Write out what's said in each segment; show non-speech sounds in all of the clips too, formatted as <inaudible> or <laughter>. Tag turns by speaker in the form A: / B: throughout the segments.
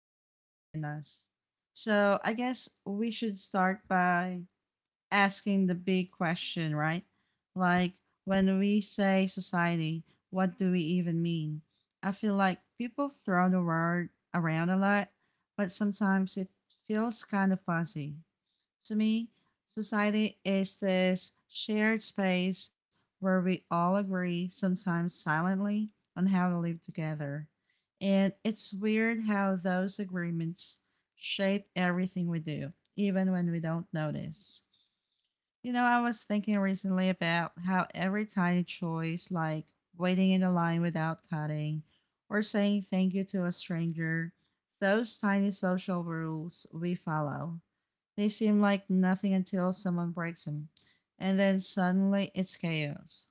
A: society and us. So I guess we should start by asking the big question, right? Like, when we say society, what do we even mean? I feel like people throw the word around a lot, but sometimes it feels kind of fuzzy. To me, society is this shared space where we all agree, sometimes silently, on how to live together. And it's weird how those agreements shape everything we do, even when we don't notice. You know, I was thinking recently about how every tiny choice, like waiting in a line without cutting or saying thank you to a stranger, those tiny social rules we follow they seem like nothing until someone breaks them, and then suddenly it's chaos.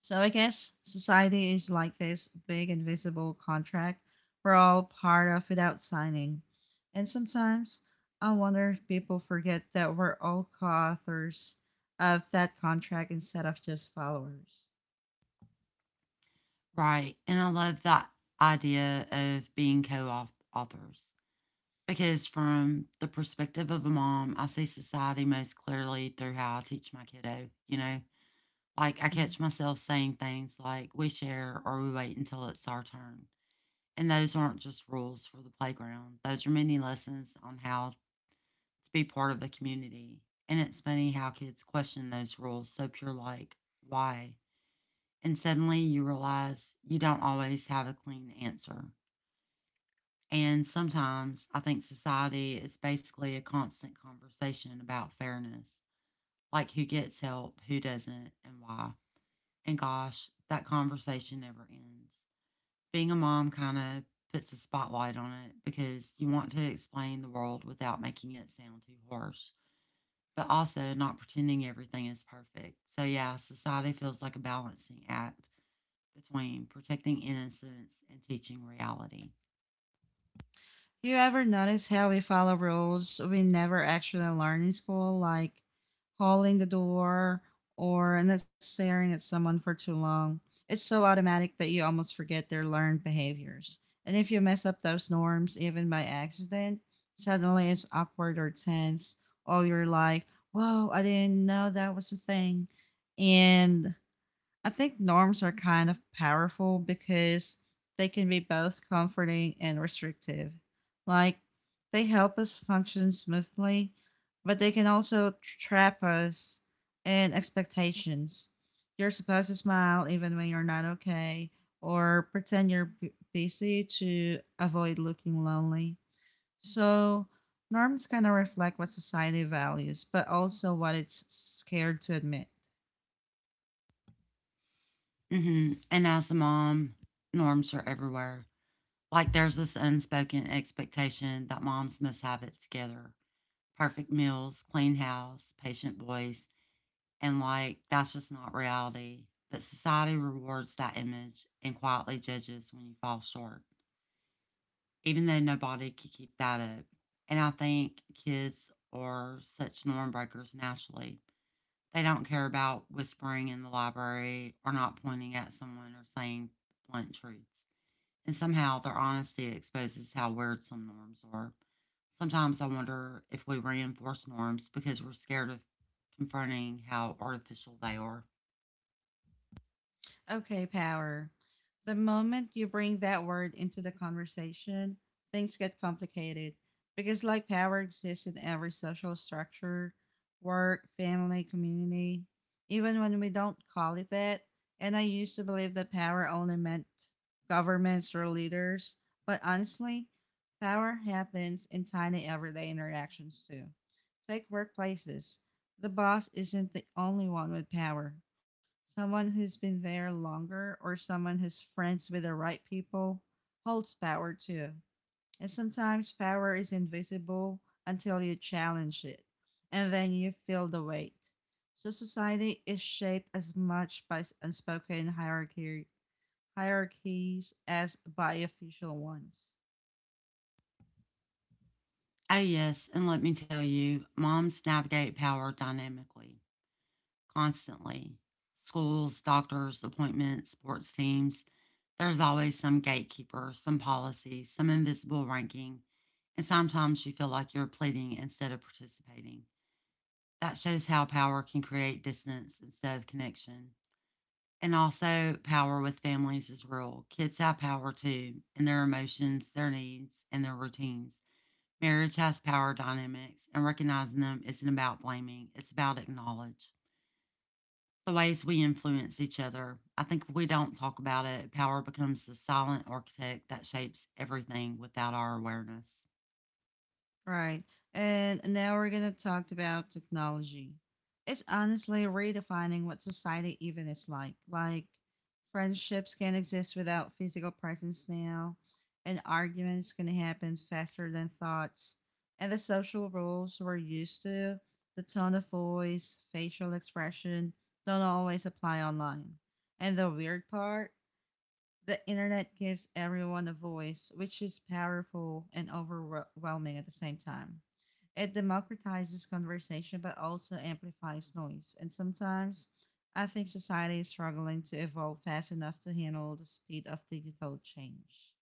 A: So I guess society is like this big invisible contract we're all part of without signing. And sometimes I wonder if people forget that we're all co authors of that contract instead of just followers.
B: Right. And I love that idea of being co authors because, from the perspective of a mom, I see society most clearly through how I teach my kiddo. Like I
A: Mm-hmm.
B: catch myself saying things like, we share or we wait until it's our turn. And those aren't just rules for the playground, those are many lessons on how to be part of a community. And it's funny how kids question those rules so pure, like, why? And suddenly you realize you don't always have a clean answer. And sometimes I think society is basically a constant conversation about fairness, like who gets help, who doesn't, and why. And gosh, that conversation never ends. Being a mom kind of puts a spotlight on it because you want to explain the world without making it sound too harsh, but also not pretending everything is perfect. So, yeah, society feels like a balancing act between protecting innocence and teaching reality.
A: Do you ever notice how we follow rules we never actually learn in school, like holding the door or not staring at someone for too long? It's so automatic that you almost forget their learned behaviors. And if you mess up those norms, even by accident, suddenly it's awkward or tense, or you're like, whoa, I didn't know that was a thing. And I think norms are kind of powerful because they can be both comforting and restrictive. Like, they help us function smoothly, but they can also trap us in expectations. You're supposed to smile even when you're not okay, or pretend you're busy to avoid looking lonely. So, norms kind of reflect what society values, but also what it's scared to admit.
B: And as a mom, norms are everywhere. Like there's this unspoken expectation that moms must have it together perfect meals, clean house, patient voice. And like that's just not reality. But society rewards that image and quietly judges when you fall short, even though nobody could keep that up. And I think kids are such norm breakers naturally. They don't care about whispering in the library or not pointing at someone or saying blunt truths. And somehow their honesty exposes how weird some norms are. Sometimes I wonder if we reinforce norms because we're scared of confronting how artificial they are.
A: Okay, power. The moment you bring that word into the conversation, things get complicated because, like, power exists in every social structure work, family, community, even when we don't call it that. And I used to believe that power only meant governments or leaders, but honestly, power happens in tiny everyday interactions too. Take workplaces. The boss isn't the only one with power. Someone who's been there longer or someone who's friends with the right people holds power too. And sometimes power is invisible until you challenge it, and then you feel the weight. So society is shaped as much by unspoken hierarchy hierarchies as by official ones.
B: Oh, yes. And let me tell you, moms navigate power dynamically, constantly. Schools, doctors, appointments, sports teams. There's always some gatekeeper, some policy, some invisible ranking. And sometimes you feel like you're pleading instead of participating. That shows how power can create distance instead of connection. And also, power with families is real. Kids have power too, in their emotions, their needs, and their routines. Marriage has power dynamics, and recognizing them isn't about blaming, it's about acknowledging the ways we influence each other. I think if we don't talk about it, power becomes the silent architect that shapes everything without our awareness.
A: Right. And now we're going to talk about technology. It's honestly redefining what society even is like. Friendships can exist without physical presence now, and arguments can happen faster than thoughts. And the social rules we're used to, the tone of voice, facial expression, don't always apply online. And the weird part, the internet gives everyone a voice, which is powerful and overwhelming at the same time. It democratizes conversation but also amplifies noise. And sometimes I think society is struggling to evolve fast enough to handle the speed of digital change.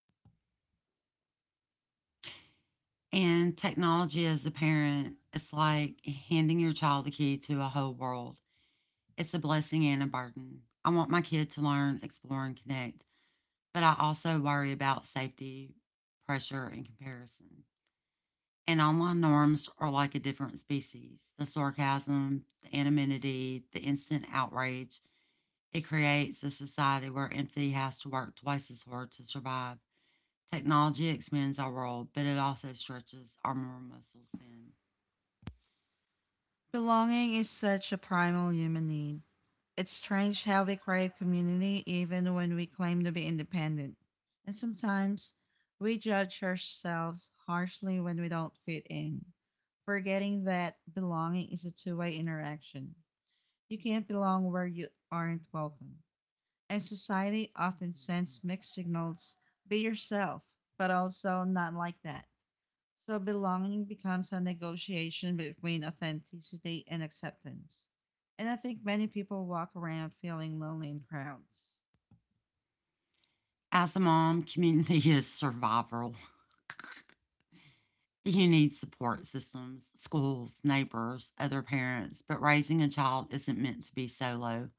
B: And technology as a parent, it's like handing your child the key to a whole world. It's a blessing and a burden. I want my kid to learn, explore, and connect, but I also worry about safety, pressure, and comparison. And online norms are like a different species the sarcasm, the anonymity, the instant outrage. It creates a society where empathy has to work twice as hard to survive. Technology expands our world, but it also stretches our moral muscles thin.
A: Belonging is such a primal human need. It's strange how we crave community even when we claim to be independent. And sometimes we judge ourselves harshly when we don't fit in, forgetting that belonging is a two-way interaction. You can't belong where you aren't welcome and society often sends mixed signals be yourself, but also not like that. So belonging becomes a negotiation between authenticity and acceptance. And I think many people walk around feeling lonely in crowds.
B: As a mom, community is survival. <laughs> You need support systems, schools, neighbors, other parents, but raising a child isn't meant to be solo.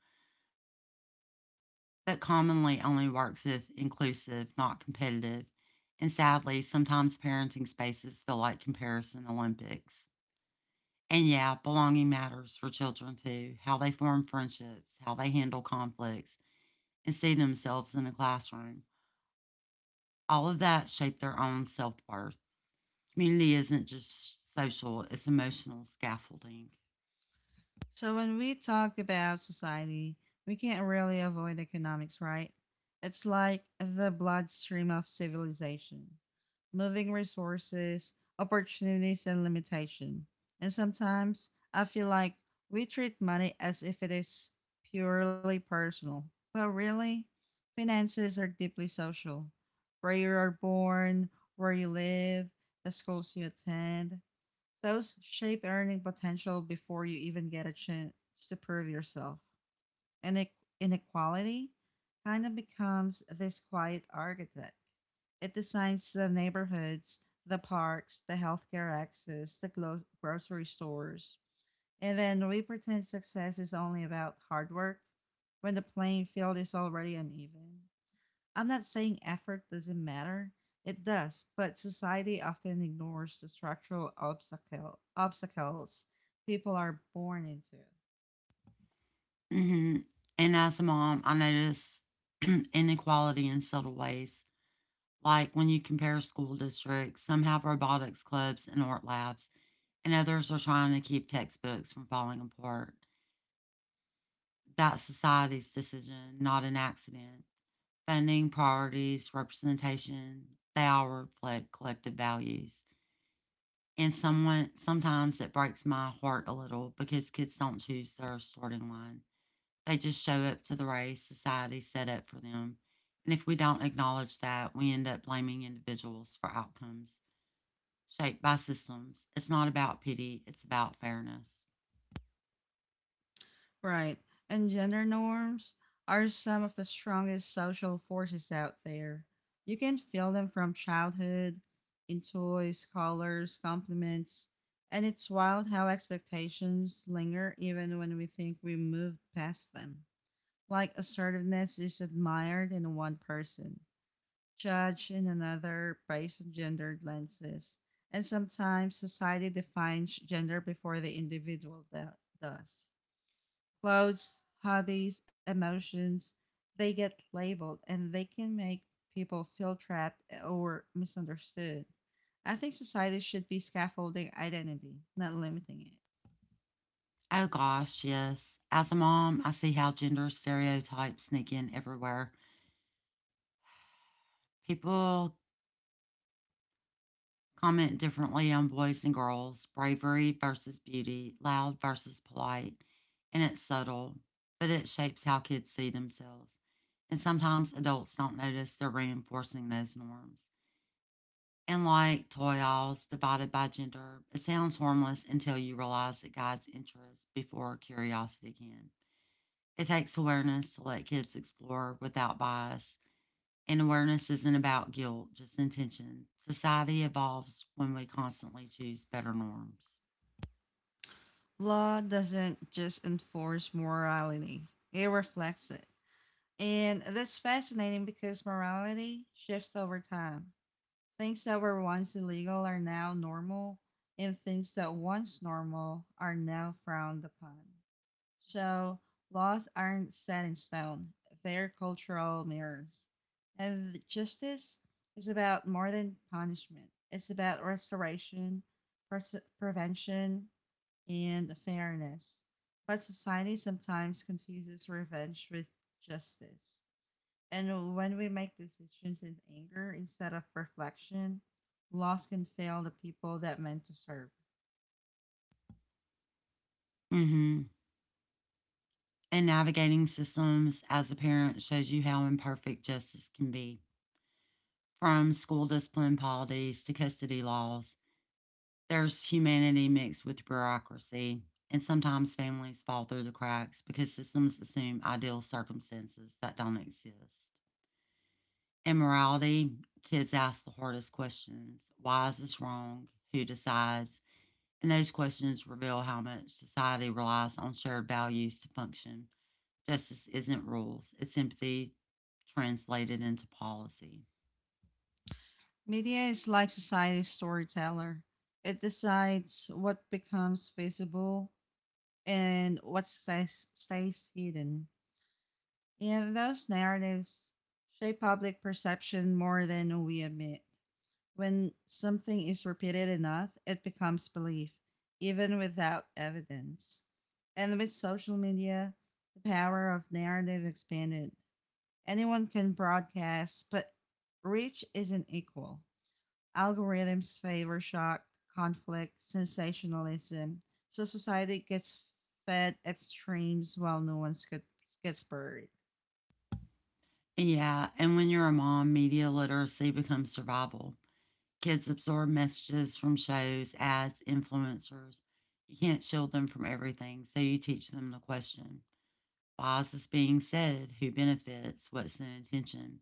B: But commonly only works if inclusive, not competitive. And sadly, sometimes parenting spaces feel like comparison Olympics. And yeah, belonging matters for children too how they form friendships, how they handle conflicts, and see themselves in a classroom. All of that shape their own self worth. Community isn't just social, it's emotional scaffolding.
A: So when we talk about society, we can't really avoid economics, right? It's like the bloodstream of civilization, moving resources, opportunities, and limitation. And sometimes I feel like we treat money as if it is purely personal, but really, finances are deeply social. Where you are born, where you live, the schools you attend, those shape earning potential before you even get a chance to prove yourself. And inequality kind of becomes this quiet architect. It designs the neighborhoods, the parks, the healthcare access, the grocery stores. And then we pretend success is only about hard work when the playing field is already uneven. I'm not saying effort doesn't matter, it does, but society often ignores the structural obstacles people are born into.
B: hmm And as a mom, I notice <clears throat> inequality in subtle ways, like when you compare school districts, some have robotics clubs and art labs, and others are trying to keep textbooks from falling apart. That's society's decision, not an accident. Funding, priorities, representation, they all reflect collective values. And someone sometimes it breaks my heart a little because kids don't choose their starting line. They just show up to the race society set up for them. And if we don't acknowledge that, we end up blaming individuals for outcomes shaped by systems. It's not about pity, it's about fairness.
A: Right, and gender norms are some of the strongest social forces out there. You can feel them from childhood, in toys, colors, compliments, and it's wild how expectations linger even when we think we moved past them. Like assertiveness is admired in one person judged in another based on gender lenses. And sometimes society defines gender before the individual does. Clothes, hobbies, emotions, they get labeled and they can make people feel trapped or misunderstood. I think society should be scaffolding identity, not limiting it.
B: Oh gosh, yes. As a mom, I see how gender stereotypes sneak in everywhere. People comment differently on boys and girls, bravery versus beauty, loud versus polite, and it's subtle, but it shapes how kids see themselves. And sometimes adults don't notice they're reinforcing those norms. And like toy aisles divided by gender, it sounds harmless until you realize it guides interest before curiosity can. It takes awareness to let kids explore without bias, and awareness isn't about guilt, just intention. Society evolves when we constantly choose better norms.
A: Law doesn't just enforce morality, it reflects it. And that's fascinating because morality shifts over time. Things that were once illegal are now normal, and things that once normal are now frowned upon. So, laws aren't set in stone, they're cultural mirrors. And justice is about more than punishment, it's about restoration, pre prevention, and fairness. But society sometimes confuses revenge with justice. And when we make decisions in anger instead of reflection, loss can fail the people that meant to serve.
B: hmm And navigating systems as a parent shows you how imperfect justice can be. From school discipline policies to custody laws, there's humanity mixed with bureaucracy. And sometimes families fall through the cracks because systems assume ideal circumstances that don't exist. In morality, kids ask the hardest questions: why is this wrong? Who decides? And those questions reveal how much society relies on shared values to function. Justice isn't rules, it's empathy translated into policy.
A: Media is like society's storyteller. It decides what becomes visible and what stays hidden. And those narratives shape public perception more than we admit. When something is repeated enough, it becomes belief, even without evidence. And with social media, the power of narrative expanded. Anyone can broadcast, but reach isn't equal. Algorithms favor shock, conflict, sensationalism, so society gets fed extremes while no one gets buried.
B: And yeah, and when you're a mom, media literacy becomes survival. Kids absorb messages from shows, ads, influencers. You can't shield them from everything, so you teach them to question: why is this being said? Who benefits? What's the intention?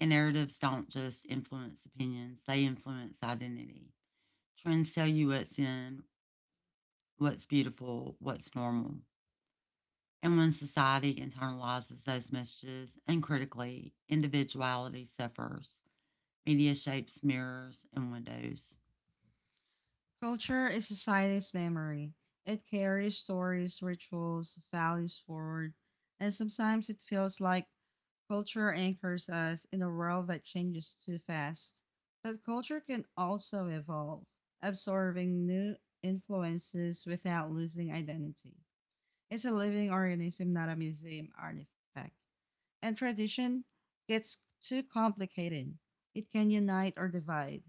B: And narratives don't just influence opinions, they influence identity. Trends tell you what's in, what's beautiful, what's normal. And when society internalizes those messages uncritically, individuality suffers. Media shapes mirrors and windows.
A: Culture is society's memory. It carries stories, rituals, values forward, and sometimes it feels like culture anchors us in a world that changes too fast. But culture can also evolve, absorbing new influences without losing identity. It's a living organism, not a museum artifact. And tradition gets too complicated. It can unite or divide.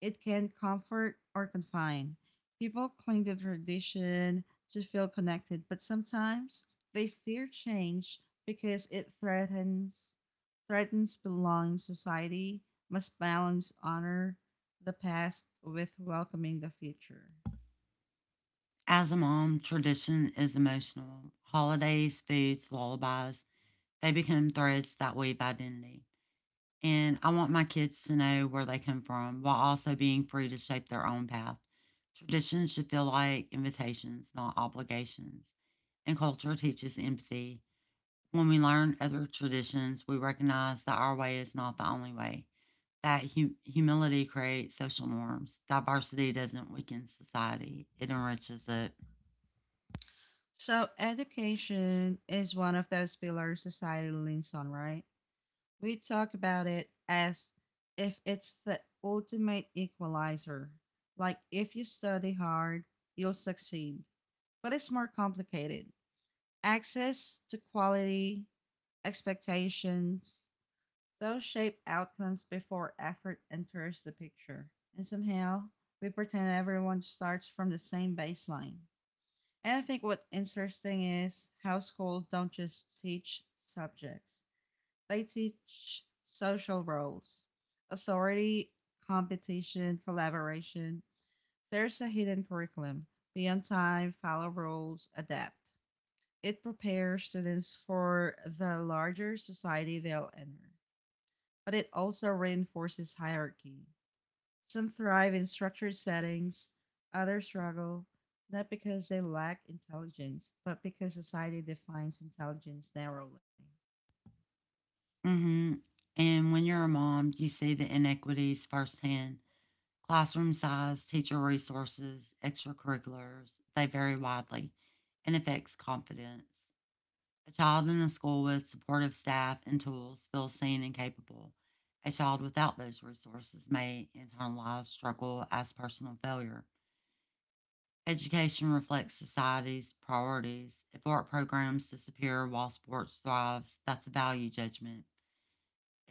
A: It can comfort or confine. People cling to tradition to feel connected, but sometimes they fear change because it threatens belonging. Society must balance honor the past with welcoming the future.
B: As a mom, tradition is emotional. Holidays, foods, lullabies, they become threads that weave identity. And I want my kids to know where they come from while also being free to shape their own path. Traditions should feel like invitations, not obligations. And culture teaches empathy. When we learn other traditions, we recognize that our way is not the only way, that humility creates social norms. Diversity doesn't weaken society, it enriches it.
A: So education is one of those pillars society leans on, right? We talk about it as if it's the ultimate equalizer. Like if you study hard, you'll succeed. But it's more complicated. Access to quality, expectations, those shape outcomes before effort enters the picture. And somehow, we pretend everyone starts from the same baseline. And I think what's interesting is how schools don't just teach subjects, they teach social roles, authority, competition, collaboration. There's a hidden curriculum. Be on time, follow rules, adapt. It prepares students for the larger society they'll enter, but it also reinforces hierarchy. Some thrive in structured settings, others struggle, not because they lack intelligence, but because society defines intelligence narrowly.
B: hmm And when you're a mom, you see the inequities firsthand. Classroom size, teacher resources, extracurriculars, they vary widely and affects confidence. A child in a school with supportive staff and tools feels seen and capable. A child without those resources may internalize struggle as personal failure. Education reflects society's priorities. If art programs disappear while sports thrives, that's a value judgment.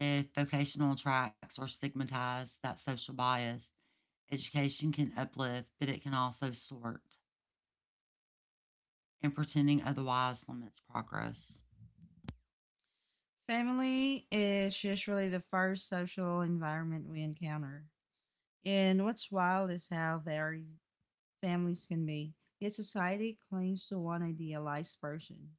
B: If vocational tracks are stigmatized, that's social bias. Education can uplift, but it can also sort, and pretending otherwise limits progress.
A: Family is usually the first social environment we encounter. And what's wild is how varied families can be, yet society clings to one idealized version.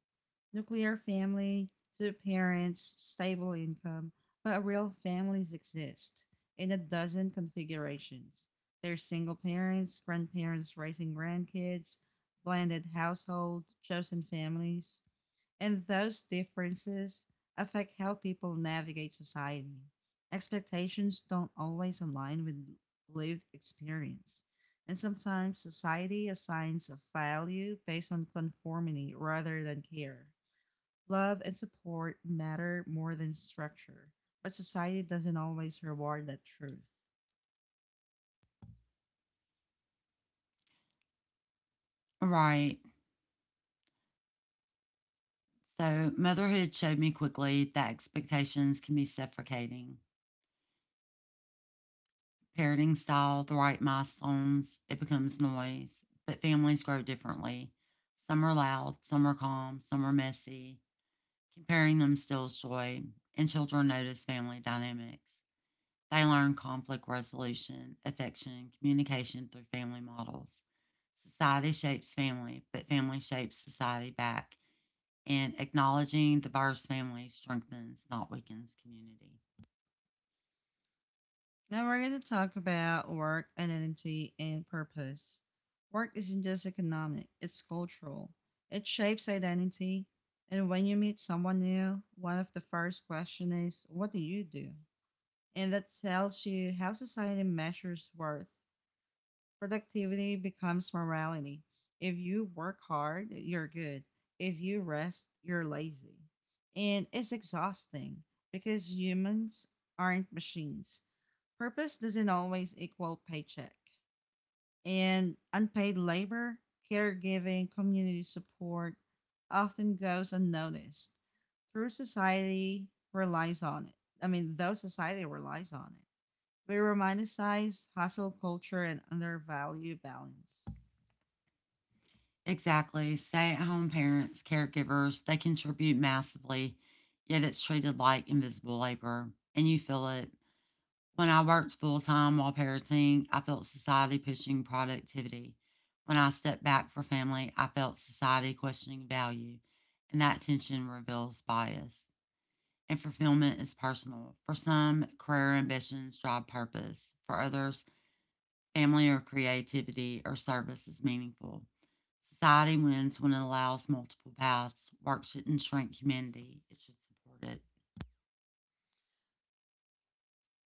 A: Nuclear family, two parents, stable income, but real families exist in a dozen configurations. There's single parents, grandparents raising grandkids, blended household, chosen families, and those differences affect how people navigate society. Expectations don't always align with lived experience, and sometimes society assigns a value based on conformity rather than care. Love and support matter more than structure, but society doesn't always reward that truth.
B: Right. So, motherhood showed me quickly that expectations can be suffocating. Parenting style, the right milestones, it becomes noise, but families grow differently. Some are loud, some are calm, some are messy. Comparing them steals joy, and children notice family dynamics. They learn conflict resolution, affection, communication through family models. Society shapes family, but family shapes society back. And acknowledging diverse families strengthens, not weakens, community.
A: Now we're going to talk about work, identity, and purpose. Work isn't just economic, it's cultural. It shapes identity. And when you meet someone new, one of the first questions is, what do you do? And that tells you how society measures worth. Productivity becomes morality. If you work hard, you're good. If you rest, you're lazy. And it's exhausting because humans aren't machines. Purpose doesn't always equal paycheck. And unpaid labor, caregiving, community support often goes unnoticed. Through society relies on it. I mean, though society relies on it. We romanticize hustle culture and undervalue balance.
B: Exactly. Stay at home parents, caregivers, they contribute massively, yet it's treated like invisible labor, and you feel it. When I worked full time while parenting, I felt society pushing productivity. When I stepped back for family, I felt society questioning value, and that tension reveals bias. And fulfillment is personal. For some, career ambitions drive purpose. For others, family or creativity or service is meaningful. Society wins when it allows multiple paths. Work shouldn't shrink humanity, it should support it.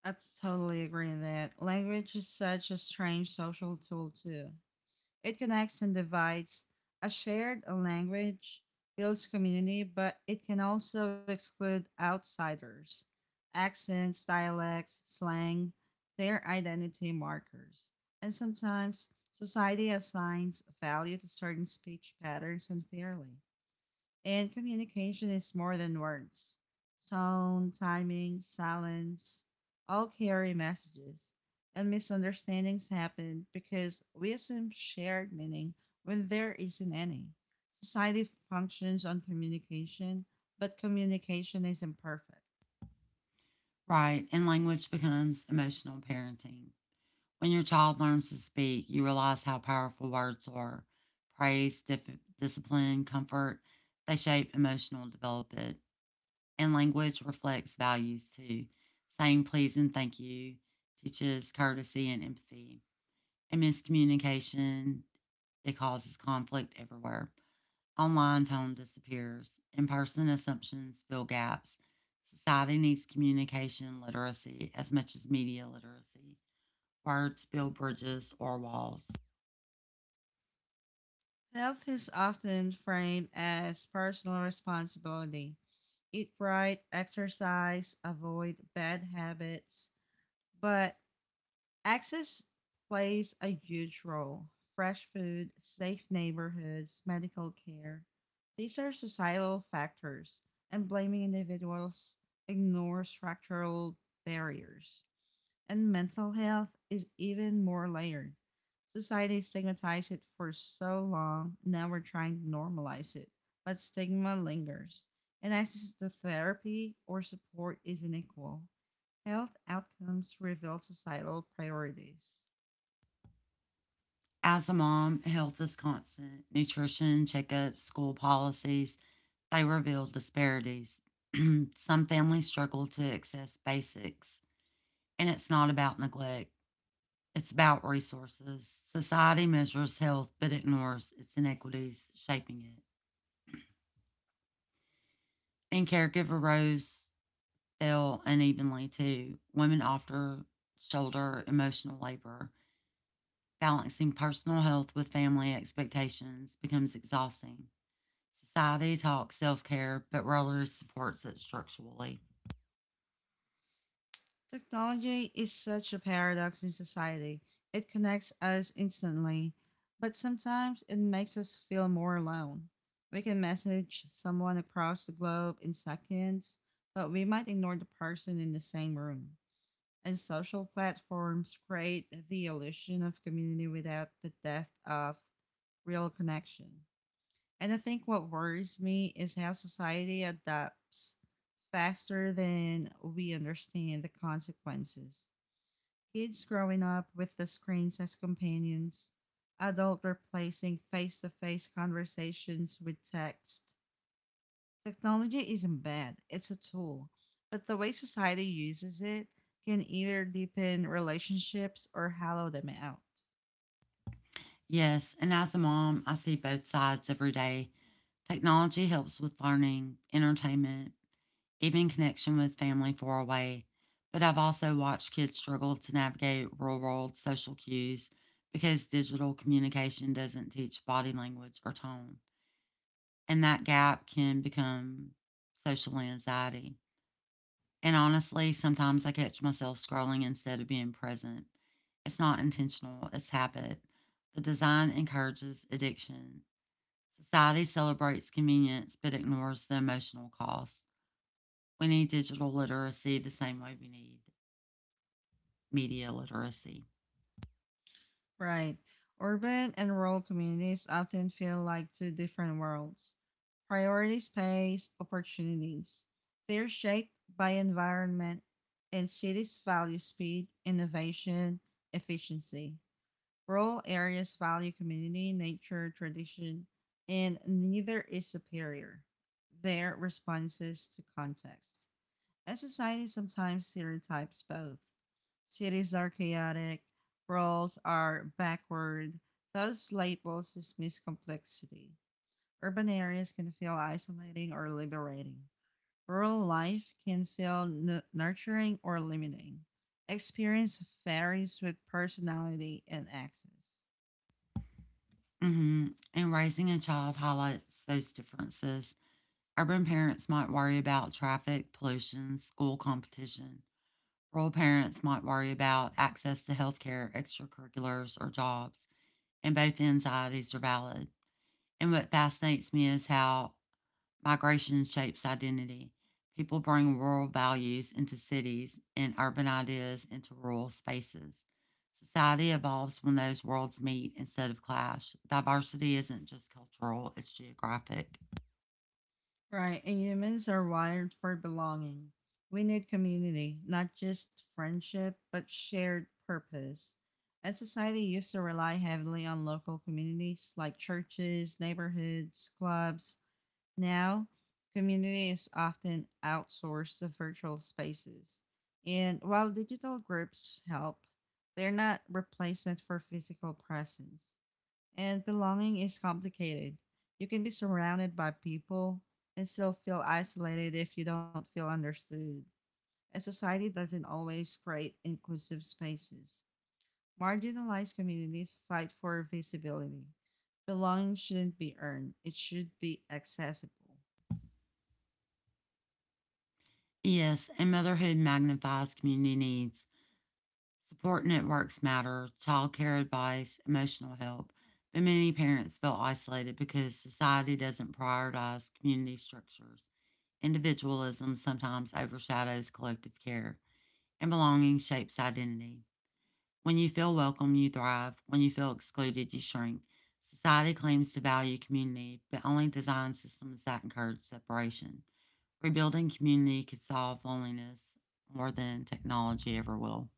A: I totally agree in that. Language is such a strange social tool, too. It connects and divides. A shared language builds community, but it can also exclude outsiders. Accents, dialects, slang, their identity markers. And sometimes society assigns value to certain speech patterns unfairly. And communication is more than words. Tone, timing, silence all carry messages. And misunderstandings happen because we assume shared meaning when there isn't any. Society functions on communication, but communication is imperfect.
B: Right, and language becomes emotional parenting. When your child learns to speak, you realize how powerful words are. Praise, discipline, comfort, they shape emotional development. And language reflects values too. Saying please and thank you teaches courtesy and empathy. And miscommunication. It causes conflict everywhere. Online tone disappears. In person assumptions fill gaps. Society needs communication literacy as much as media literacy. Words build bridges or walls.
A: Health is often framed as personal responsibility. Eat right, exercise, avoid bad habits, but access plays a huge role. Fresh food, safe neighborhoods, medical care. These are societal factors, and blaming individuals ignores structural barriers. And mental health is even more layered. Society stigmatized it for so long, now we're trying to normalize it, but stigma lingers, and access to therapy or support is unequal. Health outcomes reveal societal priorities.
B: As a mom, health is constant. Nutrition, checkups, school policies, they reveal disparities. <clears throat> Some families struggle to access basics, and it's not about neglect. It's about resources. Society measures health but ignores its inequities shaping it. And caregiver roles fell unevenly too. Women often shoulder emotional labor. Balancing personal health with family expectations becomes exhausting. Society talks self care but rarely supports it structurally.
A: Technology is such a paradox in society. It connects us instantly, but sometimes it makes us feel more alone. We can message someone across the globe in seconds, but we might ignore the person in the same room. And social platforms create the illusion of community without the depth of real connection. And I think what worries me is how society adapts faster than we understand the consequences. Kids growing up with the screens as companions, adults replacing face to face conversations with text. Technology isn't bad, it's a tool, but the way society uses it can either deepen relationships or hollow them out.
B: Yes, and as a mom, I see both sides every day. Technology helps with learning, entertainment, even connection with family far away. But I've also watched kids struggle to navigate real world social cues because digital communication doesn't teach body language or tone. And that gap can become social anxiety. And honestly, sometimes I catch myself scrolling instead of being present. It's not intentional, it's habit. The design encourages addiction. Society celebrates convenience but ignores the emotional cost. We need digital literacy the same way we need media literacy.
A: Right. Urban and rural communities often feel like two different worlds. Priority space, opportunities. They're shaped by environment, and cities value speed, innovation, efficiency. Rural areas value community, nature, tradition, and neither is superior. They're responses to context and society sometimes stereotypes both. Cities are chaotic, worlds are backward. Those labels dismiss complexity. Urban areas can feel isolating or liberating. Rural life can feel nurturing or limiting. Experience varies with personality and access.
B: hmm And raising a child highlights those differences. Urban parents might worry about traffic, pollution, school competition. Rural parents might worry about access to healthcare, extracurriculars, or jobs. And both anxieties are valid. And what fascinates me is how migration shapes identity. People bring rural values into cities and urban ideas into rural spaces. Society evolves when those worlds meet instead of clash. Diversity isn't just cultural, it's geographic.
A: Right, and humans are wired for belonging. We need community, not just friendship, but shared purpose. And society used to rely heavily on local communities like churches, neighborhoods, clubs. Now, community is often outsourced to virtual spaces. And while digital groups help, they're not replacement for physical presence. And belonging is complicated. You can be surrounded by people and still feel isolated if you don't feel understood. And society doesn't always create inclusive spaces. Marginalized communities fight for visibility. Belonging shouldn't be earned, it should be accessible.
B: Yes, and motherhood magnifies community needs. Support networks matter, childcare advice, emotional help, but many parents feel isolated because society doesn't prioritize community structures. Individualism sometimes overshadows collective care, and belonging shapes identity. When you feel welcome, you thrive. When you feel excluded, you shrink. Society claims to value community, but only designs systems that encourage separation. Rebuilding community could solve loneliness more than technology ever will.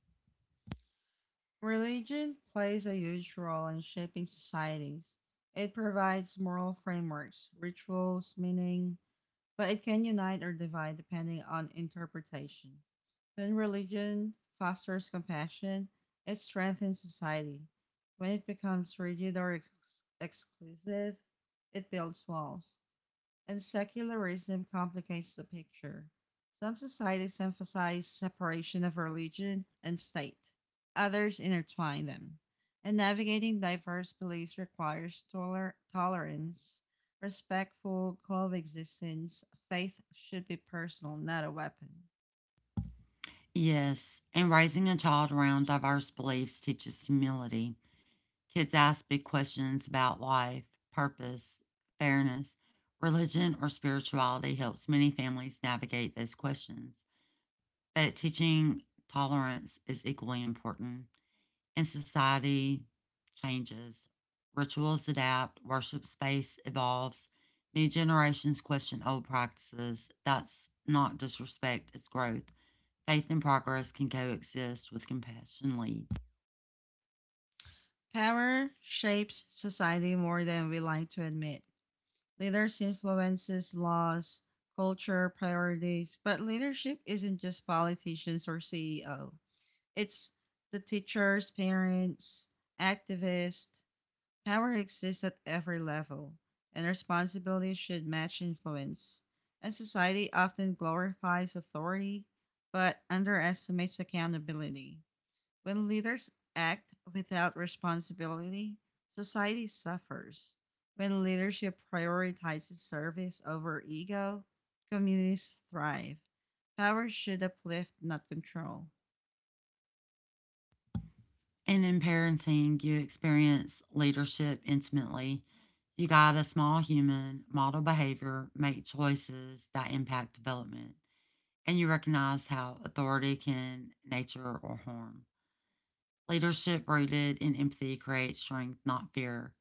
A: Religion plays a huge role in shaping societies. It provides moral frameworks, rituals, meaning, but it can unite or divide depending on interpretation. When religion fosters compassion, it strengthens society. When it becomes rigid or exclusive, it builds walls and secularism complicates the picture. Some societies emphasize separation of religion and state, others intertwine them. And navigating diverse beliefs requires tolerance, respectful coexistence. Faith should be personal, not a weapon.
B: Yes, and raising a child around diverse beliefs teaches humility. Kids ask big questions about life, purpose, fairness. Religion or spirituality helps many families navigate those questions, but teaching tolerance is equally important. And society changes, rituals adapt, worship space evolves, new generations question old practices. That's not disrespect, it's growth. Faith and progress can coexist with compassion leads.
A: Power shapes society more than we like to admit. Leaders influences laws, culture, priorities, but leadership isn't just politicians or CEO. It's the teachers, parents, activists. Power exists at every level, and responsibility should match influence. And society often glorifies authority but underestimates accountability. When leaders act without responsibility, society suffers. When leadership prioritizes service over ego, communities thrive. Power should uplift, not control.
B: And in parenting, you experience leadership intimately. You guide a small human, model behavior, make choices that impact development, and you recognize how authority can nature or harm. Leadership rooted in empathy creates strength, not fear.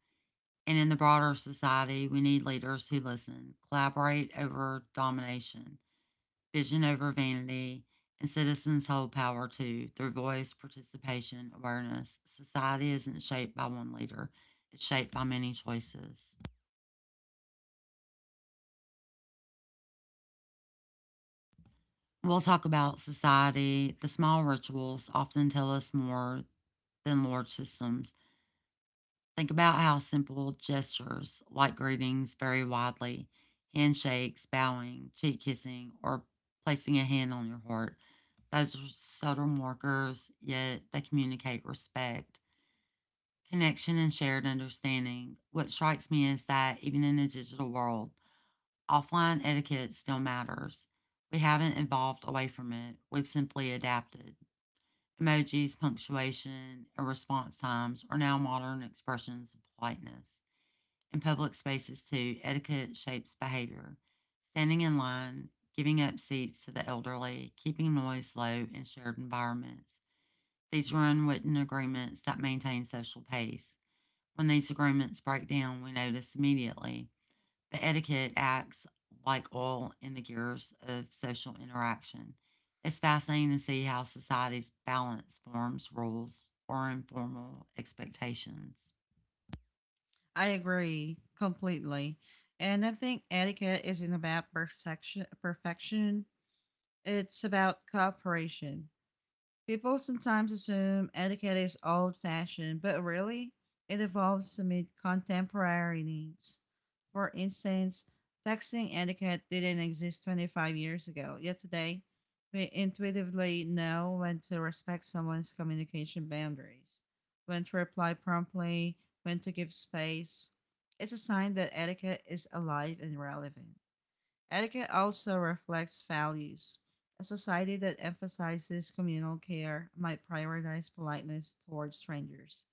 B: And in the broader society, we need leaders who listen, collaborate over domination, vision over vanity, and citizens hold power too through voice, participation, awareness. Society isn't shaped by one leader, it's shaped by many choices. We'll talk about society. The small rituals often tell us more than large systems. Think about how simple gestures like greetings vary widely handshakes, bowing, cheek kissing, or placing a hand on your heart. Those are subtle markers, yet they communicate respect. Connection and shared understanding. What strikes me is that even in a digital world, offline etiquette still matters. We haven't evolved away from it, we've simply adapted. Emojis, punctuation, and response times are now modern expressions of politeness. In public spaces, too, etiquette shapes behavior. Standing in line, giving up seats to the elderly, keeping noise low in shared environments. These are unwritten agreements that maintain social pace. When these agreements break down, we notice immediately. But etiquette acts like oil in the gears of social interaction. It's fascinating to see how societies balance forms, rules, or informal expectations.
A: I agree completely. And I think etiquette isn't about perfection. It's about cooperation. People sometimes assume etiquette is old fashioned, but really, it evolves to meet contemporary needs. For instance, texting etiquette didn't exist 25 years ago, yet today, we intuitively know when to respect someone's communication boundaries, when to reply promptly, when to give space. It's a sign that etiquette is alive and relevant. Etiquette also reflects values. A society that emphasizes communal care might prioritize politeness towards strangers.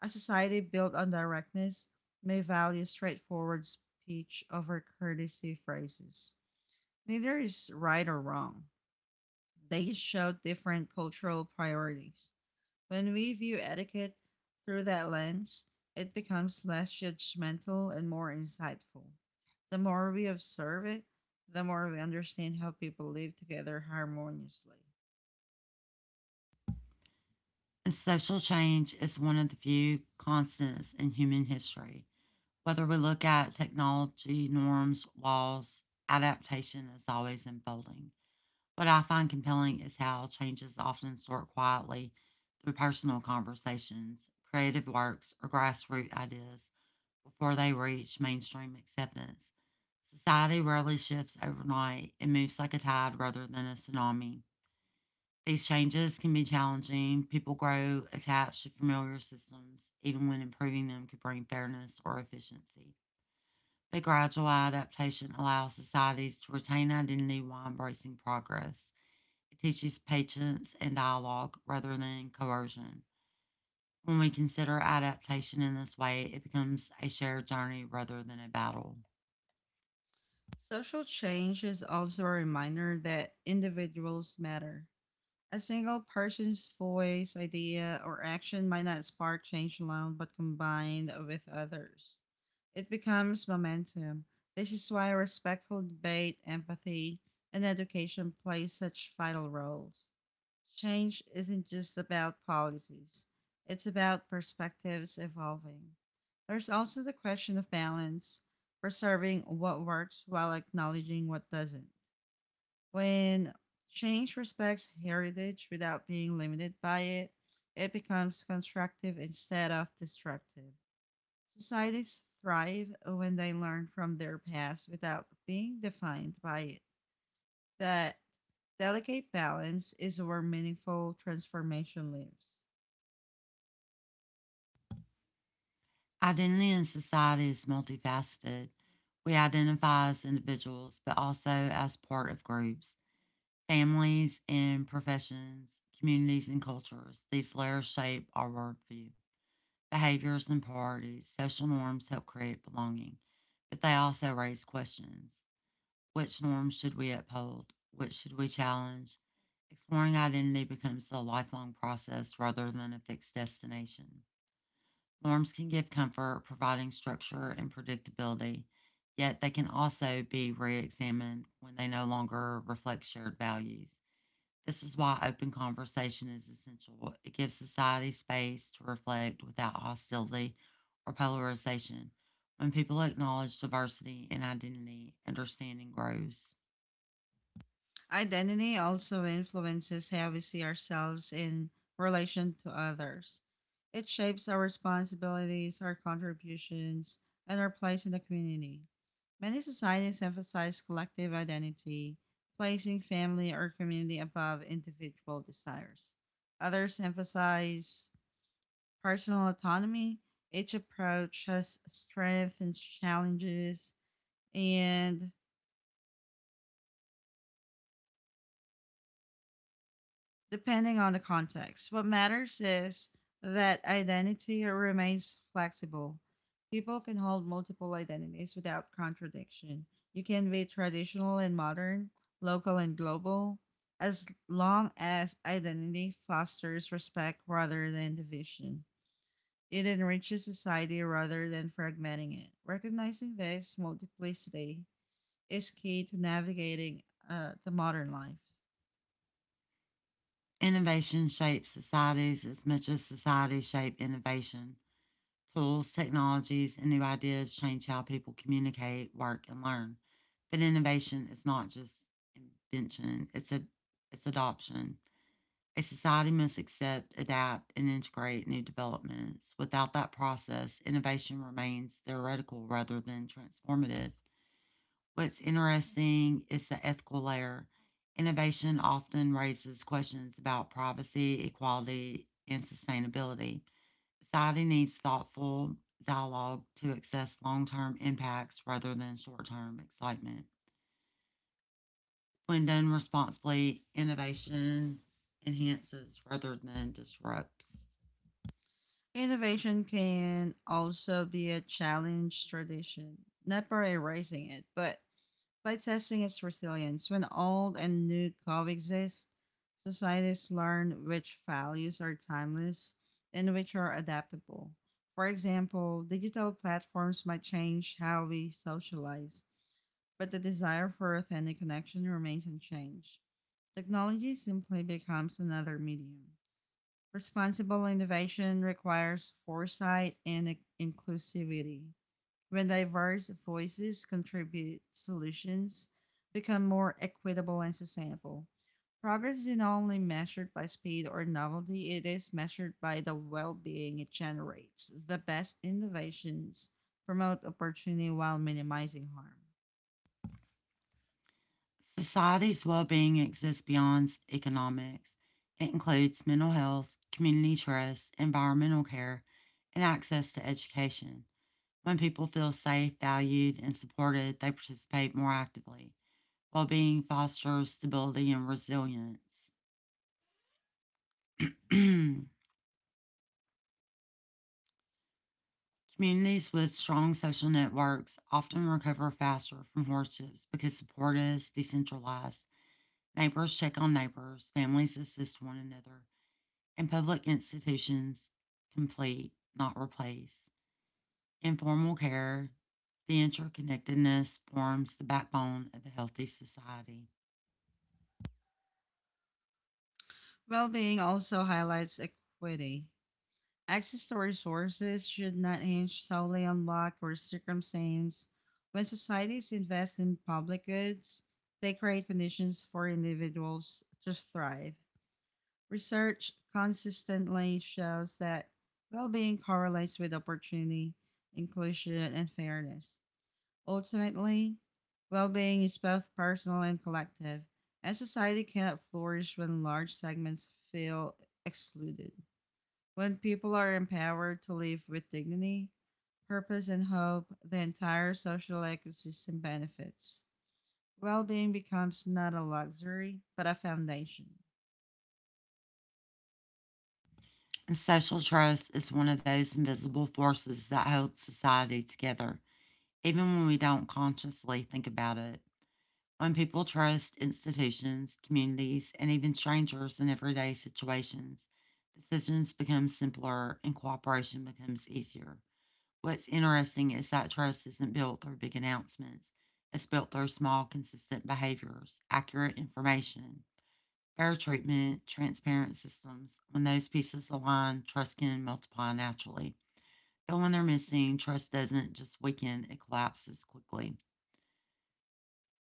A: A society built on directness may value straightforward speech over courtesy phrases. Neither is right or wrong. They show different cultural priorities. When we view etiquette through that lens, it becomes less judgmental and more insightful. The more we observe it, the more we understand how people live together harmoniously.
B: And social change is one of the few constants in human history. Whether we look at technology, norms, laws, adaptation is always unfolding. What I find compelling is how changes often start quietly through personal conversations, creative works, or grassroots ideas before they reach mainstream acceptance. Society rarely shifts overnight, it moves like a tide rather than a tsunami. These changes can be challenging. People grow attached to familiar systems, even when improving them could bring fairness or efficiency. But gradual adaptation allows societies to retain identity while embracing progress. It teaches patience and dialogue rather than coercion. When we consider adaptation in this way, it becomes a shared journey rather than a battle.
A: Social change is also a reminder that individuals matter. A single person's voice, idea, or action might not spark change alone, but combined with others, it becomes momentum. This is why respectful debate, empathy, and education play such vital roles. Change isn't just about policies, it's about perspectives evolving. There's also the question of balance, preserving what works while acknowledging what doesn't. When change respects heritage without being limited by it, it becomes constructive instead of destructive. Societies thrive when they learn from their past without being defined by it. That delicate balance is where meaningful transformation lives.
B: Identity in society is multifaceted. We identify as individuals, but also as part of groups, families, and professions, communities, and cultures. These layers shape our worldview. Behaviors and priorities, social norms help create belonging, but they also raise questions. Which norms should we uphold? Which should we challenge? Exploring identity becomes a lifelong process rather than a fixed destination. Norms can give comfort, providing structure and predictability, yet they can also be re examined when they no longer reflect shared values. This is why open conversation is essential. It gives society space to reflect without hostility or polarization. When people acknowledge diversity and identity, understanding grows.
A: Identity also influences how we see ourselves in relation to others. It shapes our responsibilities, our contributions, and our place in the community. Many societies emphasize collective identity, placing family or community above individual desires. Others emphasize personal autonomy. Each approach has strengths and challenges, and depending on the context. What matters is that identity remains flexible. People can hold multiple identities without contradiction. You can be traditional and modern, local and global, as long as identity fosters respect rather than division. It enriches society rather than fragmenting it. Recognizing this multiplicity is key to navigating the modern life.
B: Innovation shapes societies as much as societies shape innovation. Tools, technologies, and new ideas change how people communicate, work, and learn. But innovation is not just invention, it's adoption. A society must accept, adapt, and integrate new developments. Without that process, innovation remains theoretical rather than transformative. What's interesting is the ethical layer. Innovation often raises questions about privacy, equality, and sustainability. Society needs thoughtful dialogue to assess long term impacts rather than short term excitement. When done responsibly, innovation enhances rather than disrupts.
A: Innovation can also be a challenge tradition, not by erasing it, but by testing its resilience. When old and new coexist, societies learn which values are timeless and which are adaptable. For example, digital platforms might change how we socialize, but the desire for authentic connection remains unchanged. Technology simply becomes another medium. Responsible innovation requires foresight and inclusivity. When diverse voices contribute, solutions become more equitable and sustainable. Progress is not only measured by speed or novelty, it is measured by the well being it generates. The best innovations promote opportunity while minimizing harm.
B: Society's well being exists beyond economics. It includes mental health, community trust, environmental care, and access to education. When people feel safe, valued, and supported, they participate more actively. Well being fosters stability and resilience. <clears throat> Communities with strong social networks often recover faster from hardships because support is decentralized. Neighbors check on neighbors, families assist one another, and public institutions complete, not replace. Informal care, the interconnectedness forms the backbone of a healthy society.
A: Well being also highlights equity. Access to resources should not hinge solely on luck or circumstance. When societies invest in public goods, they create conditions for individuals to thrive. Research consistently shows that well being correlates with opportunity, inclusion, and fairness. Ultimately, well being is both personal and collective, and society cannot flourish when large segments feel excluded. When people are empowered to live with dignity, purpose, and hope, the entire social ecosystem benefits. Well being becomes not a luxury, but a foundation.
B: And social trust is one of those invisible forces that holds society together, even when we don't consciously think about it. When people trust institutions, communities, and even strangers in everyday situations, decisions become simpler and cooperation becomes easier. What's interesting is that trust isn't built through big announcements. It's built through small, consistent behaviors, accurate information, fair treatment, transparent systems. When those pieces align, trust can multiply naturally. But when they're missing, trust doesn't just weaken, it collapses quickly.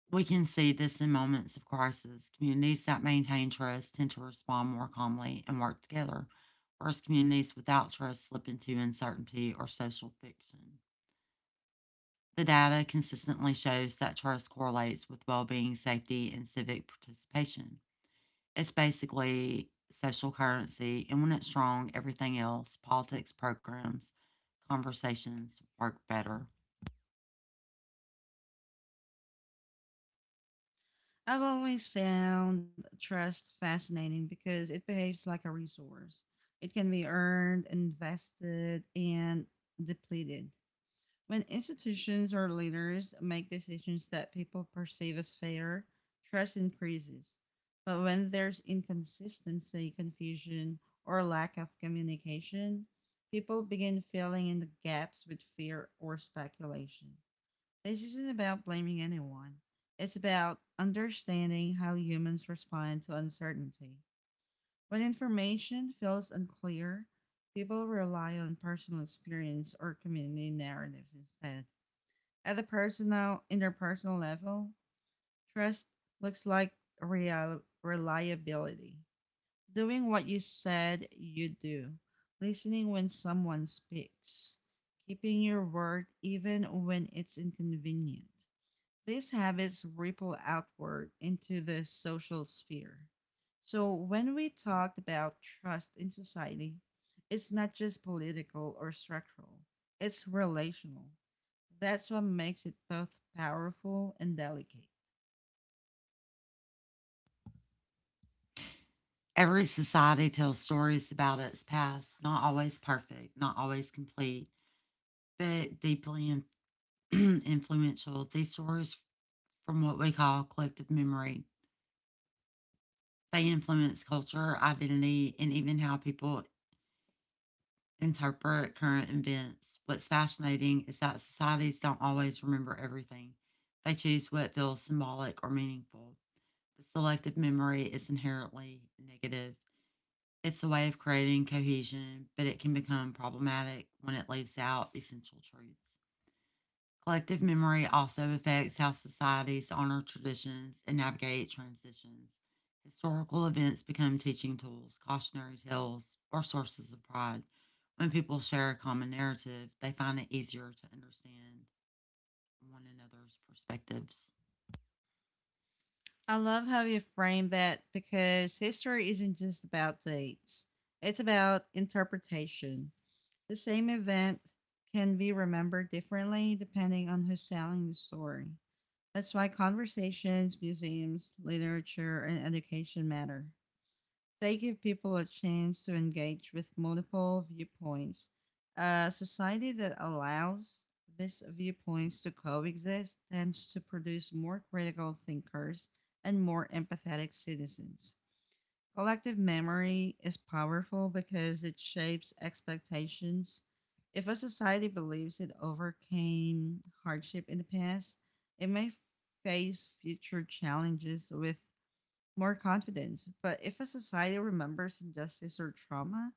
B: We can see this in moments of crisis. Communities that maintain trust tend to respond more calmly and work together, whereas communities without trust slip into uncertainty or social fiction. The data consistently shows that trust correlates with well being, safety, and civic participation. It's basically social currency, and when it's strong, everything else politics, programs, conversations work better.
A: I've always found trust fascinating because it behaves like a resource. It can be earned, invested, and depleted. When institutions or leaders make decisions that people perceive as fair, trust increases. But when there's inconsistency, confusion, or lack of communication, people begin filling in the gaps with fear or speculation. This isn't about blaming anyone, it's about understanding how humans respond to uncertainty. When information feels unclear, people rely on personal experience or community narratives instead. At the personal, interpersonal level, trust looks like real, reliability. Doing what you said you do, listening when someone speaks, keeping your word even when it's inconvenient, these habits ripple outward into the social sphere. So, when we talked about trust in society, it's not just political or structural, it's relational. That's what makes it both powerful and delicate.
B: Every society tells stories about its past, not always perfect, not always complete, but deeply <clears throat> influential. These stories from what we call collective memory. They influence culture, identity, and even how people interpret current events. What's fascinating is that societies don't always remember everything, they choose what feels symbolic or meaningful. The selective memory is inherently negative. It's a way of creating cohesion, but it can become problematic when it leaves out essential truths. Collective memory also affects how societies honor traditions and navigate transitions. Historical events become teaching tools, cautionary tales, or sources of pride. When people share a common narrative, they find it easier to understand one another's perspectives.
A: I love how you frame that because history isn't just about dates, it's about interpretation. The same event can be remembered differently depending on who's telling the story. That's why conversations, museums, literature, and education matter. They give people a chance to engage with multiple viewpoints. A society that allows these viewpoints to coexist tends to produce more critical thinkers and more empathetic citizens. Collective memory is powerful because it shapes expectations. If a society believes it overcame hardship in the past, it may face future challenges with more confidence. But if a society remembers injustice or trauma,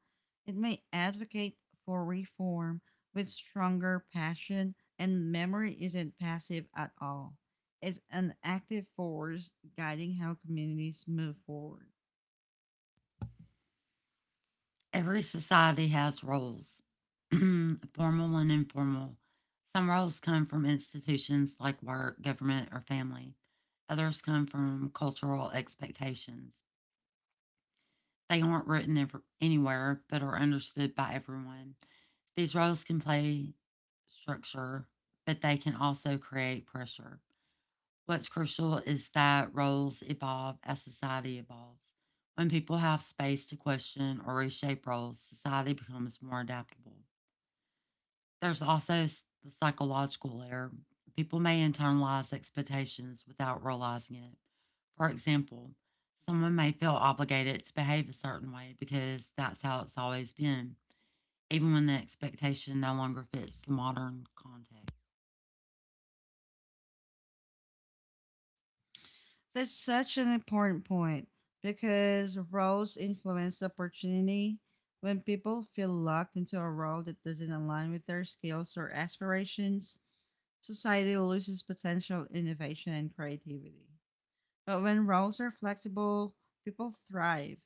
A: it may advocate for reform with stronger passion, and memory isn't passive at all. It's an active force guiding how communities move forward.
B: Every society has roles, <clears throat> formal and informal. Some roles come from institutions like work, government, or family, others come from cultural expectations. They aren't written ever, anywhere, but are understood by everyone. These roles can play structure, but they can also create pressure. What's crucial is that roles evolve as society evolves. When people have space to question or reshape roles, society becomes more adaptable. There's also the psychological layer. People may internalize expectations without realizing it. For example, someone may feel obligated to behave a certain way because that's how it's always been, even when the expectation no longer fits the modern context.
A: That's such an important point because roles influence opportunity. When people feel locked into a role that doesn't align with their skills or aspirations, society loses potential innovation and creativity. But when roles are flexible, people thrive.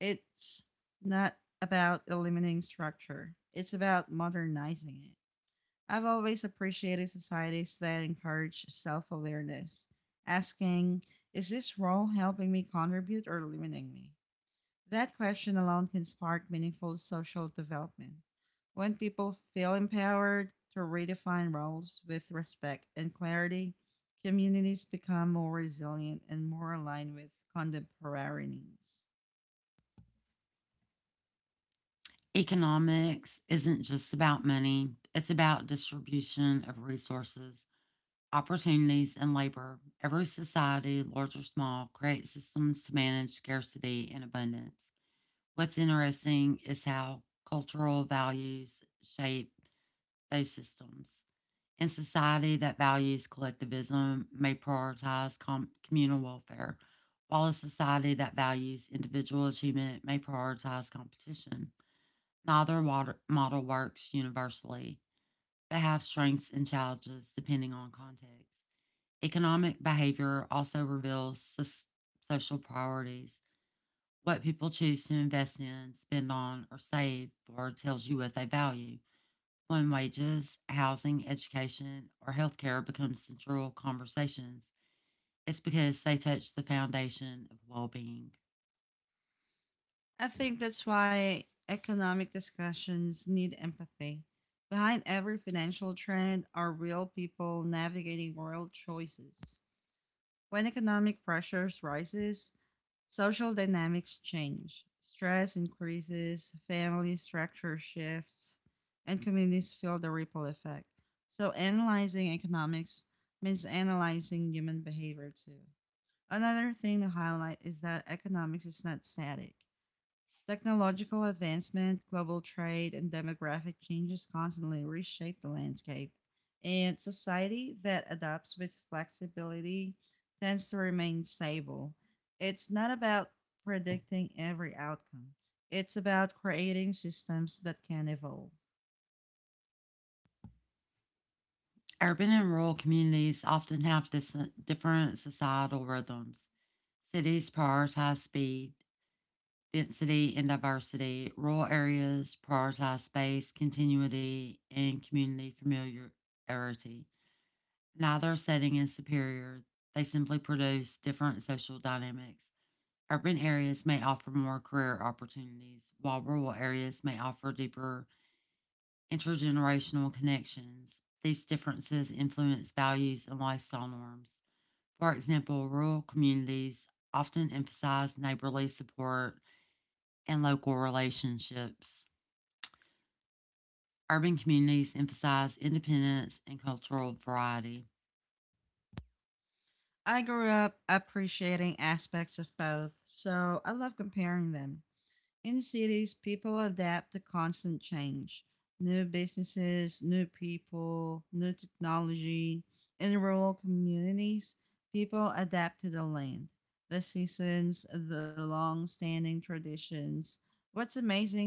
A: It's not about eliminating structure, it's about modernizing it. I've always appreciated societies that encourage self awareness, asking, is this role helping me contribute or limiting me? That question alone can spark meaningful social development. When people feel empowered to redefine roles with respect and clarity, communities become more resilient and more aligned with contemporary needs.
B: Economics isn't just about money, it's about distribution of resources, opportunities, and labor. Every society, large or small, creates systems to manage scarcity and abundance. What's interesting is how cultural values shape those systems. In society that values collectivism may prioritize communal welfare, while a society that values individual achievement may prioritize competition. Neither model works universally, but have strengths and challenges depending on context. Economic behavior also reveals social priorities. What people choose to invest in, spend on, or save for tells you what they value. When wages, housing, education, or healthcare become central conversations, it's because they touch the foundation of well being.
A: I think that's why economic discussions need empathy. Behind every financial trend are real people navigating real choices. When economic pressures rises, social dynamics change. Stress increases, family structure shifts, and communities feel the ripple effect. So analyzing economics means analyzing human behavior too. Another thing to highlight is that economics is not static. Technological advancement, global trade, and demographic changes constantly reshape the landscape, and society that adapts with flexibility tends to remain stable. It's not about predicting every outcome, it's about creating systems that can evolve.
B: Urban and rural communities often have different societal rhythms. Cities prioritize speed, density, and diversity. Rural areas prioritize space, continuity, and community familiarity. Neither setting is superior. They simply produce different social dynamics. Urban areas may offer more career opportunities, while rural areas may offer deeper intergenerational connections. These differences influence values and lifestyle norms. For example, rural communities often emphasize neighborly support and local relationships. Urban communities emphasize independence and cultural variety.
A: I grew up appreciating aspects of both, so I love comparing them. In cities, people adapt to constant change new businesses, new people, new technology. In rural communities, people adapt to the land, the seasons, the long standing traditions. What's amazing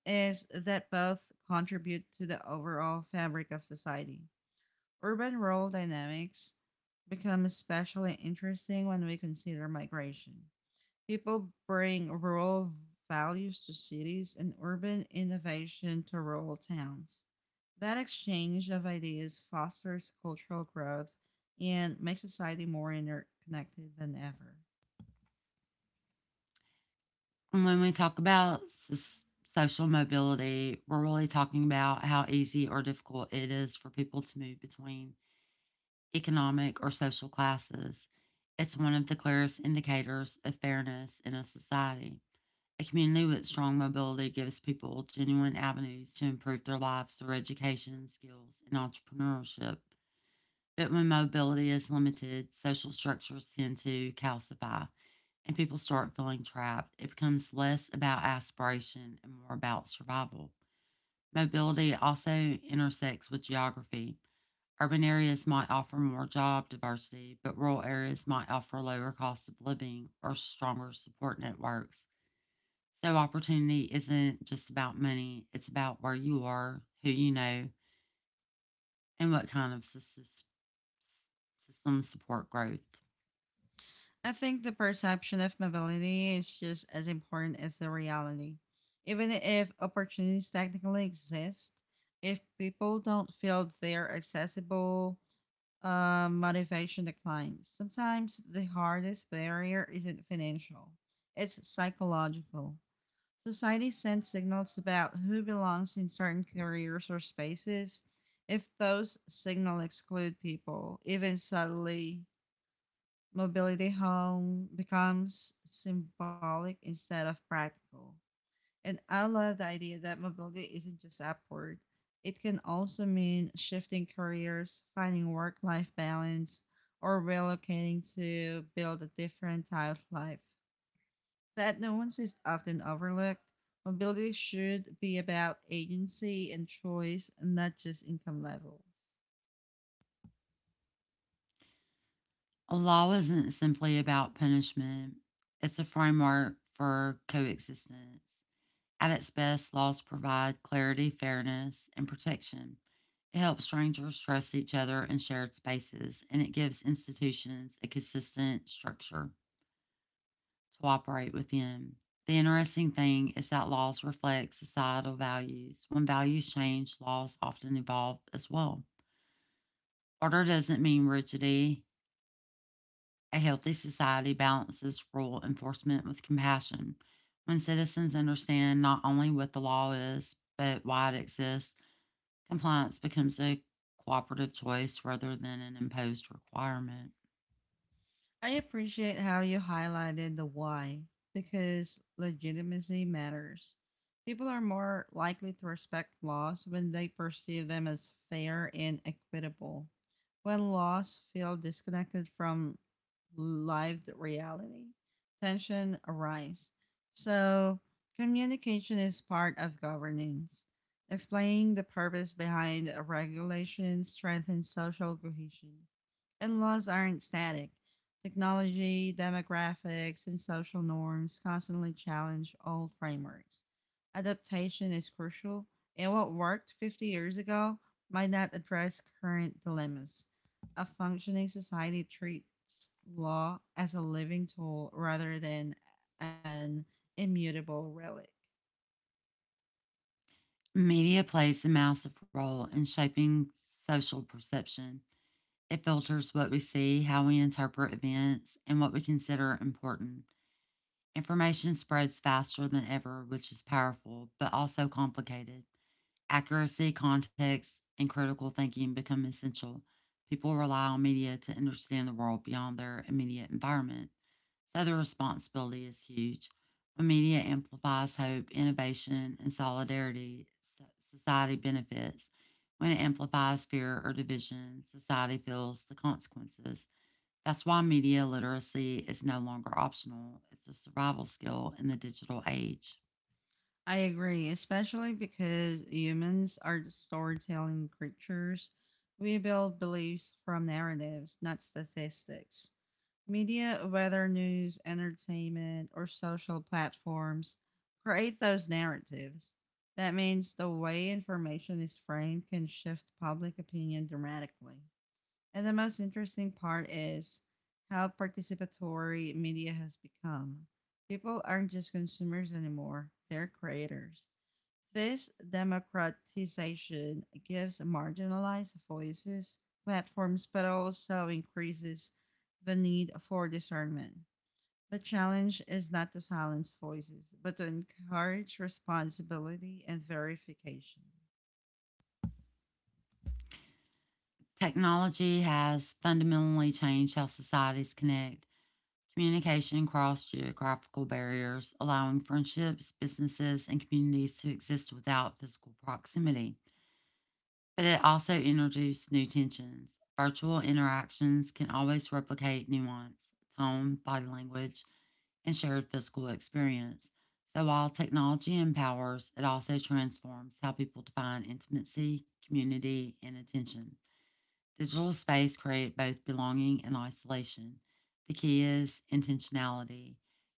A: is that both contribute to the overall fabric of society. Urban rural dynamics become especially interesting when we consider migration. People bring rural values to cities and urban innovation to rural towns. That exchange of ideas fosters cultural growth and makes society more interconnected than ever.
B: When we talk about social mobility, we're really talking about how easy or difficult it is for people to move between economic or social classes. It's one of the clearest indicators of fairness in a society. A community with strong mobility gives people genuine avenues to improve their lives through education, skills, and entrepreneurship. But when mobility is limited, social structures tend to calcify and people start feeling trapped. It becomes less about aspiration and more about survival. Mobility also intersects with geography. Urban areas might offer more job diversity, but rural areas might offer lower cost of living or stronger support networks. So, opportunity isn't just about money, it's about where you are, who you know, and what kind of system support growth.
A: I think the perception of mobility is just as important as the reality. Even if opportunities technically exist, if people don't feel they're accessible, motivation declines. Sometimes the hardest barrier isn't financial, it's psychological. Society sends signals about who belongs in certain careers or spaces. If those signals exclude people, even subtly, mobility home becomes symbolic instead of practical. And I love the idea that mobility isn't just upward. It can also mean shifting careers, finding work life balance, or relocating to build a different type of life. That nuance is often overlooked. Mobility should be about agency and choice, not just income levels.
B: Law isn't simply about punishment, it's a framework for coexistence. At its best, laws provide clarity, fairness, and protection. It helps strangers trust each other in shared spaces, and it gives institutions a consistent structure to operate within. The interesting thing is that laws reflect societal values. When values change, laws often evolve as well. Order doesn't mean rigidity. A healthy society balances rule enforcement with compassion. When citizens understand not only what the law is, but why it exists, compliance becomes a cooperative choice rather than an imposed requirement.
A: I appreciate how you highlighted the why because legitimacy matters. People are more likely to respect laws when they perceive them as fair and equitable. When laws feel disconnected from lived reality, tension arises. So, communication is part of governance. Explaining the purpose behind a regulation strengthens social cohesion. And laws aren't static. Technology, demographics, and social norms constantly challenge old frameworks. Adaptation is crucial, and what worked 50 years ago might not address current dilemmas. A functioning society treats law as a living tool rather than an immutable relic.
B: Media plays a massive role in shaping social perception. It filters what we see, how we interpret events, and what we consider important. Information spreads faster than ever, which is powerful, but also complicated. Accuracy, context, and critical thinking become essential. People rely on media to understand the world beyond their immediate environment, so their responsibility is huge. When media amplifies hope, innovation, and solidarity, society benefits. When it amplifies fear or division, society feels the consequences. That's why media literacy is no longer optional, it's a survival skill in the digital age.
A: I agree, especially because humans are storytelling creatures. We build beliefs from narratives, not statistics. Media, whether news, entertainment, or social platforms, create those narratives. That means the way information is framed can shift public opinion dramatically. And the most interesting part is how participatory media has become. People aren't just consumers anymore, they're creators. This democratization gives marginalized voices platforms, but also increases the need for discernment. The challenge is not to silence voices, but to encourage responsibility and verification.
B: Technology has fundamentally changed how societies connect. Communication crossed geographical barriers, allowing friendships, businesses, and communities to exist without physical proximity. But it also introduced new tensions. Virtual interactions can always replicate nuance, tone, body language, and shared physical experience. So while technology empowers, it also transforms how people define intimacy, community, and attention. Digital space create both belonging and isolation. The key is intentionality,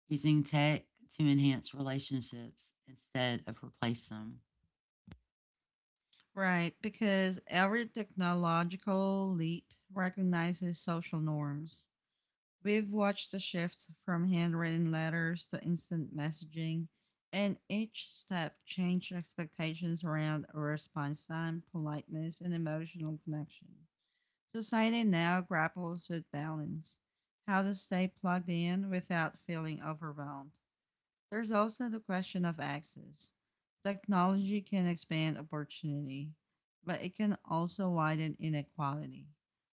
B: using tech to enhance relationships instead of replace them.
A: Right, because every technological leap recognizes social norms. We've watched the shifts from handwritten letters to instant messaging, and each step changed expectations around response time, politeness, and emotional connection. Society now grapples with balance, how to stay plugged in without feeling overwhelmed. There's also the question of access. Technology can expand opportunity, but it can also widen inequality.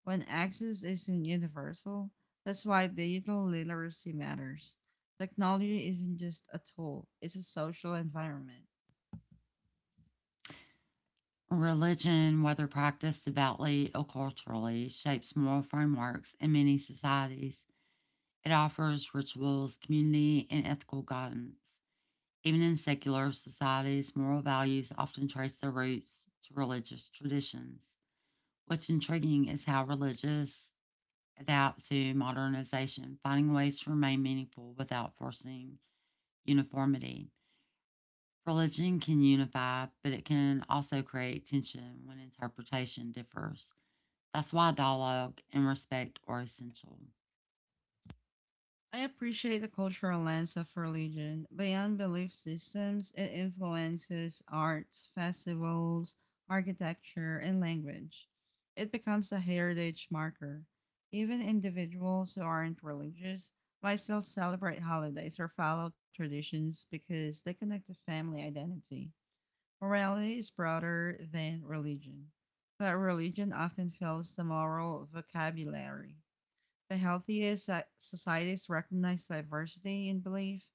A: When access isn't universal, that's why digital literacy matters. Technology isn't just a tool, it's a social environment.
B: Religion, whether practiced devoutly or culturally, shapes moral frameworks in many societies. It offers rituals, community, and ethical guidance. Even in secular societies, moral values often trace their roots to religious traditions. What's intriguing is how religious adapt to modernization, finding ways to remain meaningful without forcing uniformity. Religion can unify, but it can also create tension when interpretation differs. That's why dialogue and respect are essential.
A: I appreciate the cultural lens of religion. Beyond belief systems, it influences arts, festivals, architecture, and language. It becomes a heritage marker. Even individuals who aren't religious might still celebrate holidays or follow traditions because they connect to family identity. Morality is broader than religion, but religion often fills the moral vocabulary. The healthiest societies recognize diversity in belief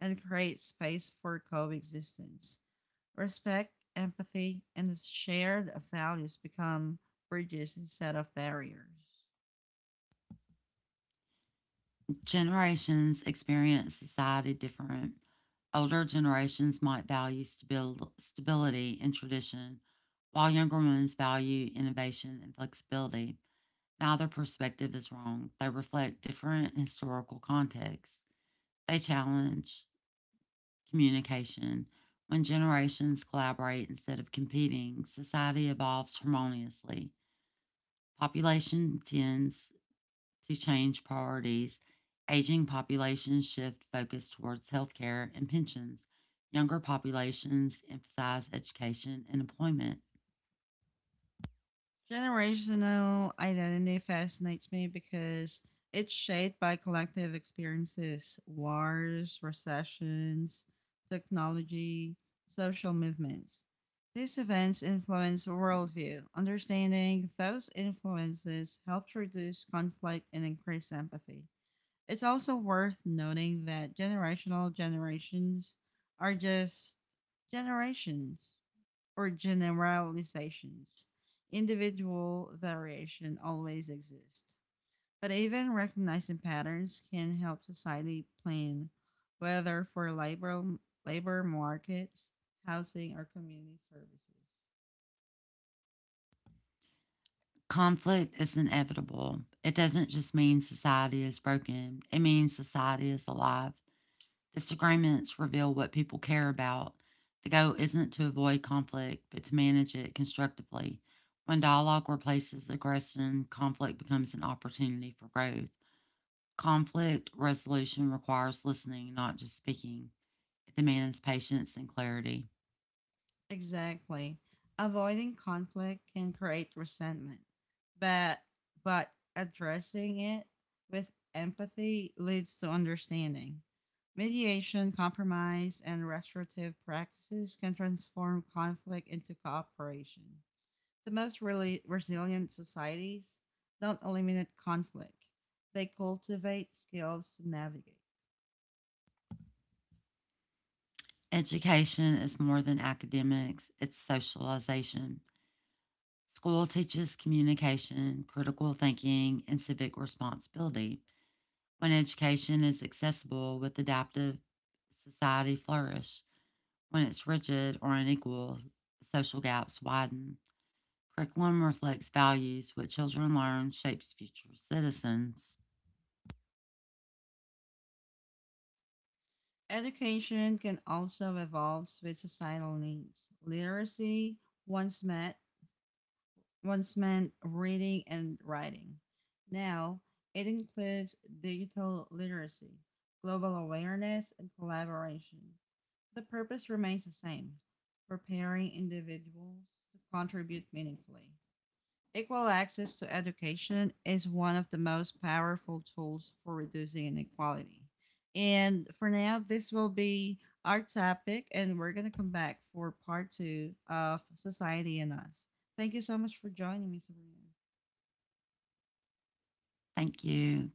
A: and create space for coexistence. Respect, empathy, and shared values become bridges instead of barriers.
B: Generations experience society different. Older generations might value stability and tradition, while younger ones value innovation and flexibility. Neither perspective is wrong. They reflect different historical contexts. They challenge communication. When generations collaborate instead of competing, society evolves harmoniously. Population tends to change priorities. Aging populations shift focus towards healthcare and pensions. Younger populations emphasize education and employment.
A: Generational identity fascinates me because it's shaped by collective experiences, wars, recessions, technology, social movements. These events influence worldview. Understanding those influences helps reduce conflict and increase empathy. It's also worth noting that generational generations are just generations or generalizations. Individual variation always exists, but even recognizing patterns can help society plan, whether for labor markets, housing, or community services.
B: Conflict is inevitable. It doesn't just mean society is broken, it means society is alive. Disagreements reveal what people care about. The goal isn't to avoid conflict, but to manage it constructively. When dialogue replaces aggression, conflict becomes an opportunity for growth. Conflict resolution requires listening, not just speaking. It demands patience and clarity.
A: Exactly. Avoiding conflict can create resentment, but but addressing it with empathy leads to understanding. Mediation, compromise, and restorative practices can transform conflict into cooperation. The most really resilient societies don't eliminate conflict. They cultivate skills to navigate.
B: Education is more than academics, it's socialization. School teaches communication, critical thinking, and civic responsibility. When education is accessible with adaptive society flourish. When it's rigid or unequal, social gaps widen. Curriculum reflects values. What children learn shapes future citizens.
A: Education can also evolve with societal needs. Literacy once meant once meant reading and writing. Now it includes digital literacy, global awareness, and collaboration. The purpose remains the same, preparing individuals to contribute meaningfully. Equal access to education is one of the most powerful tools for reducing inequality. And for now, this will be our topic, and we're going to come back for part two of Society and Us. Thank you so much for joining me, Sabrina.
B: Thank you.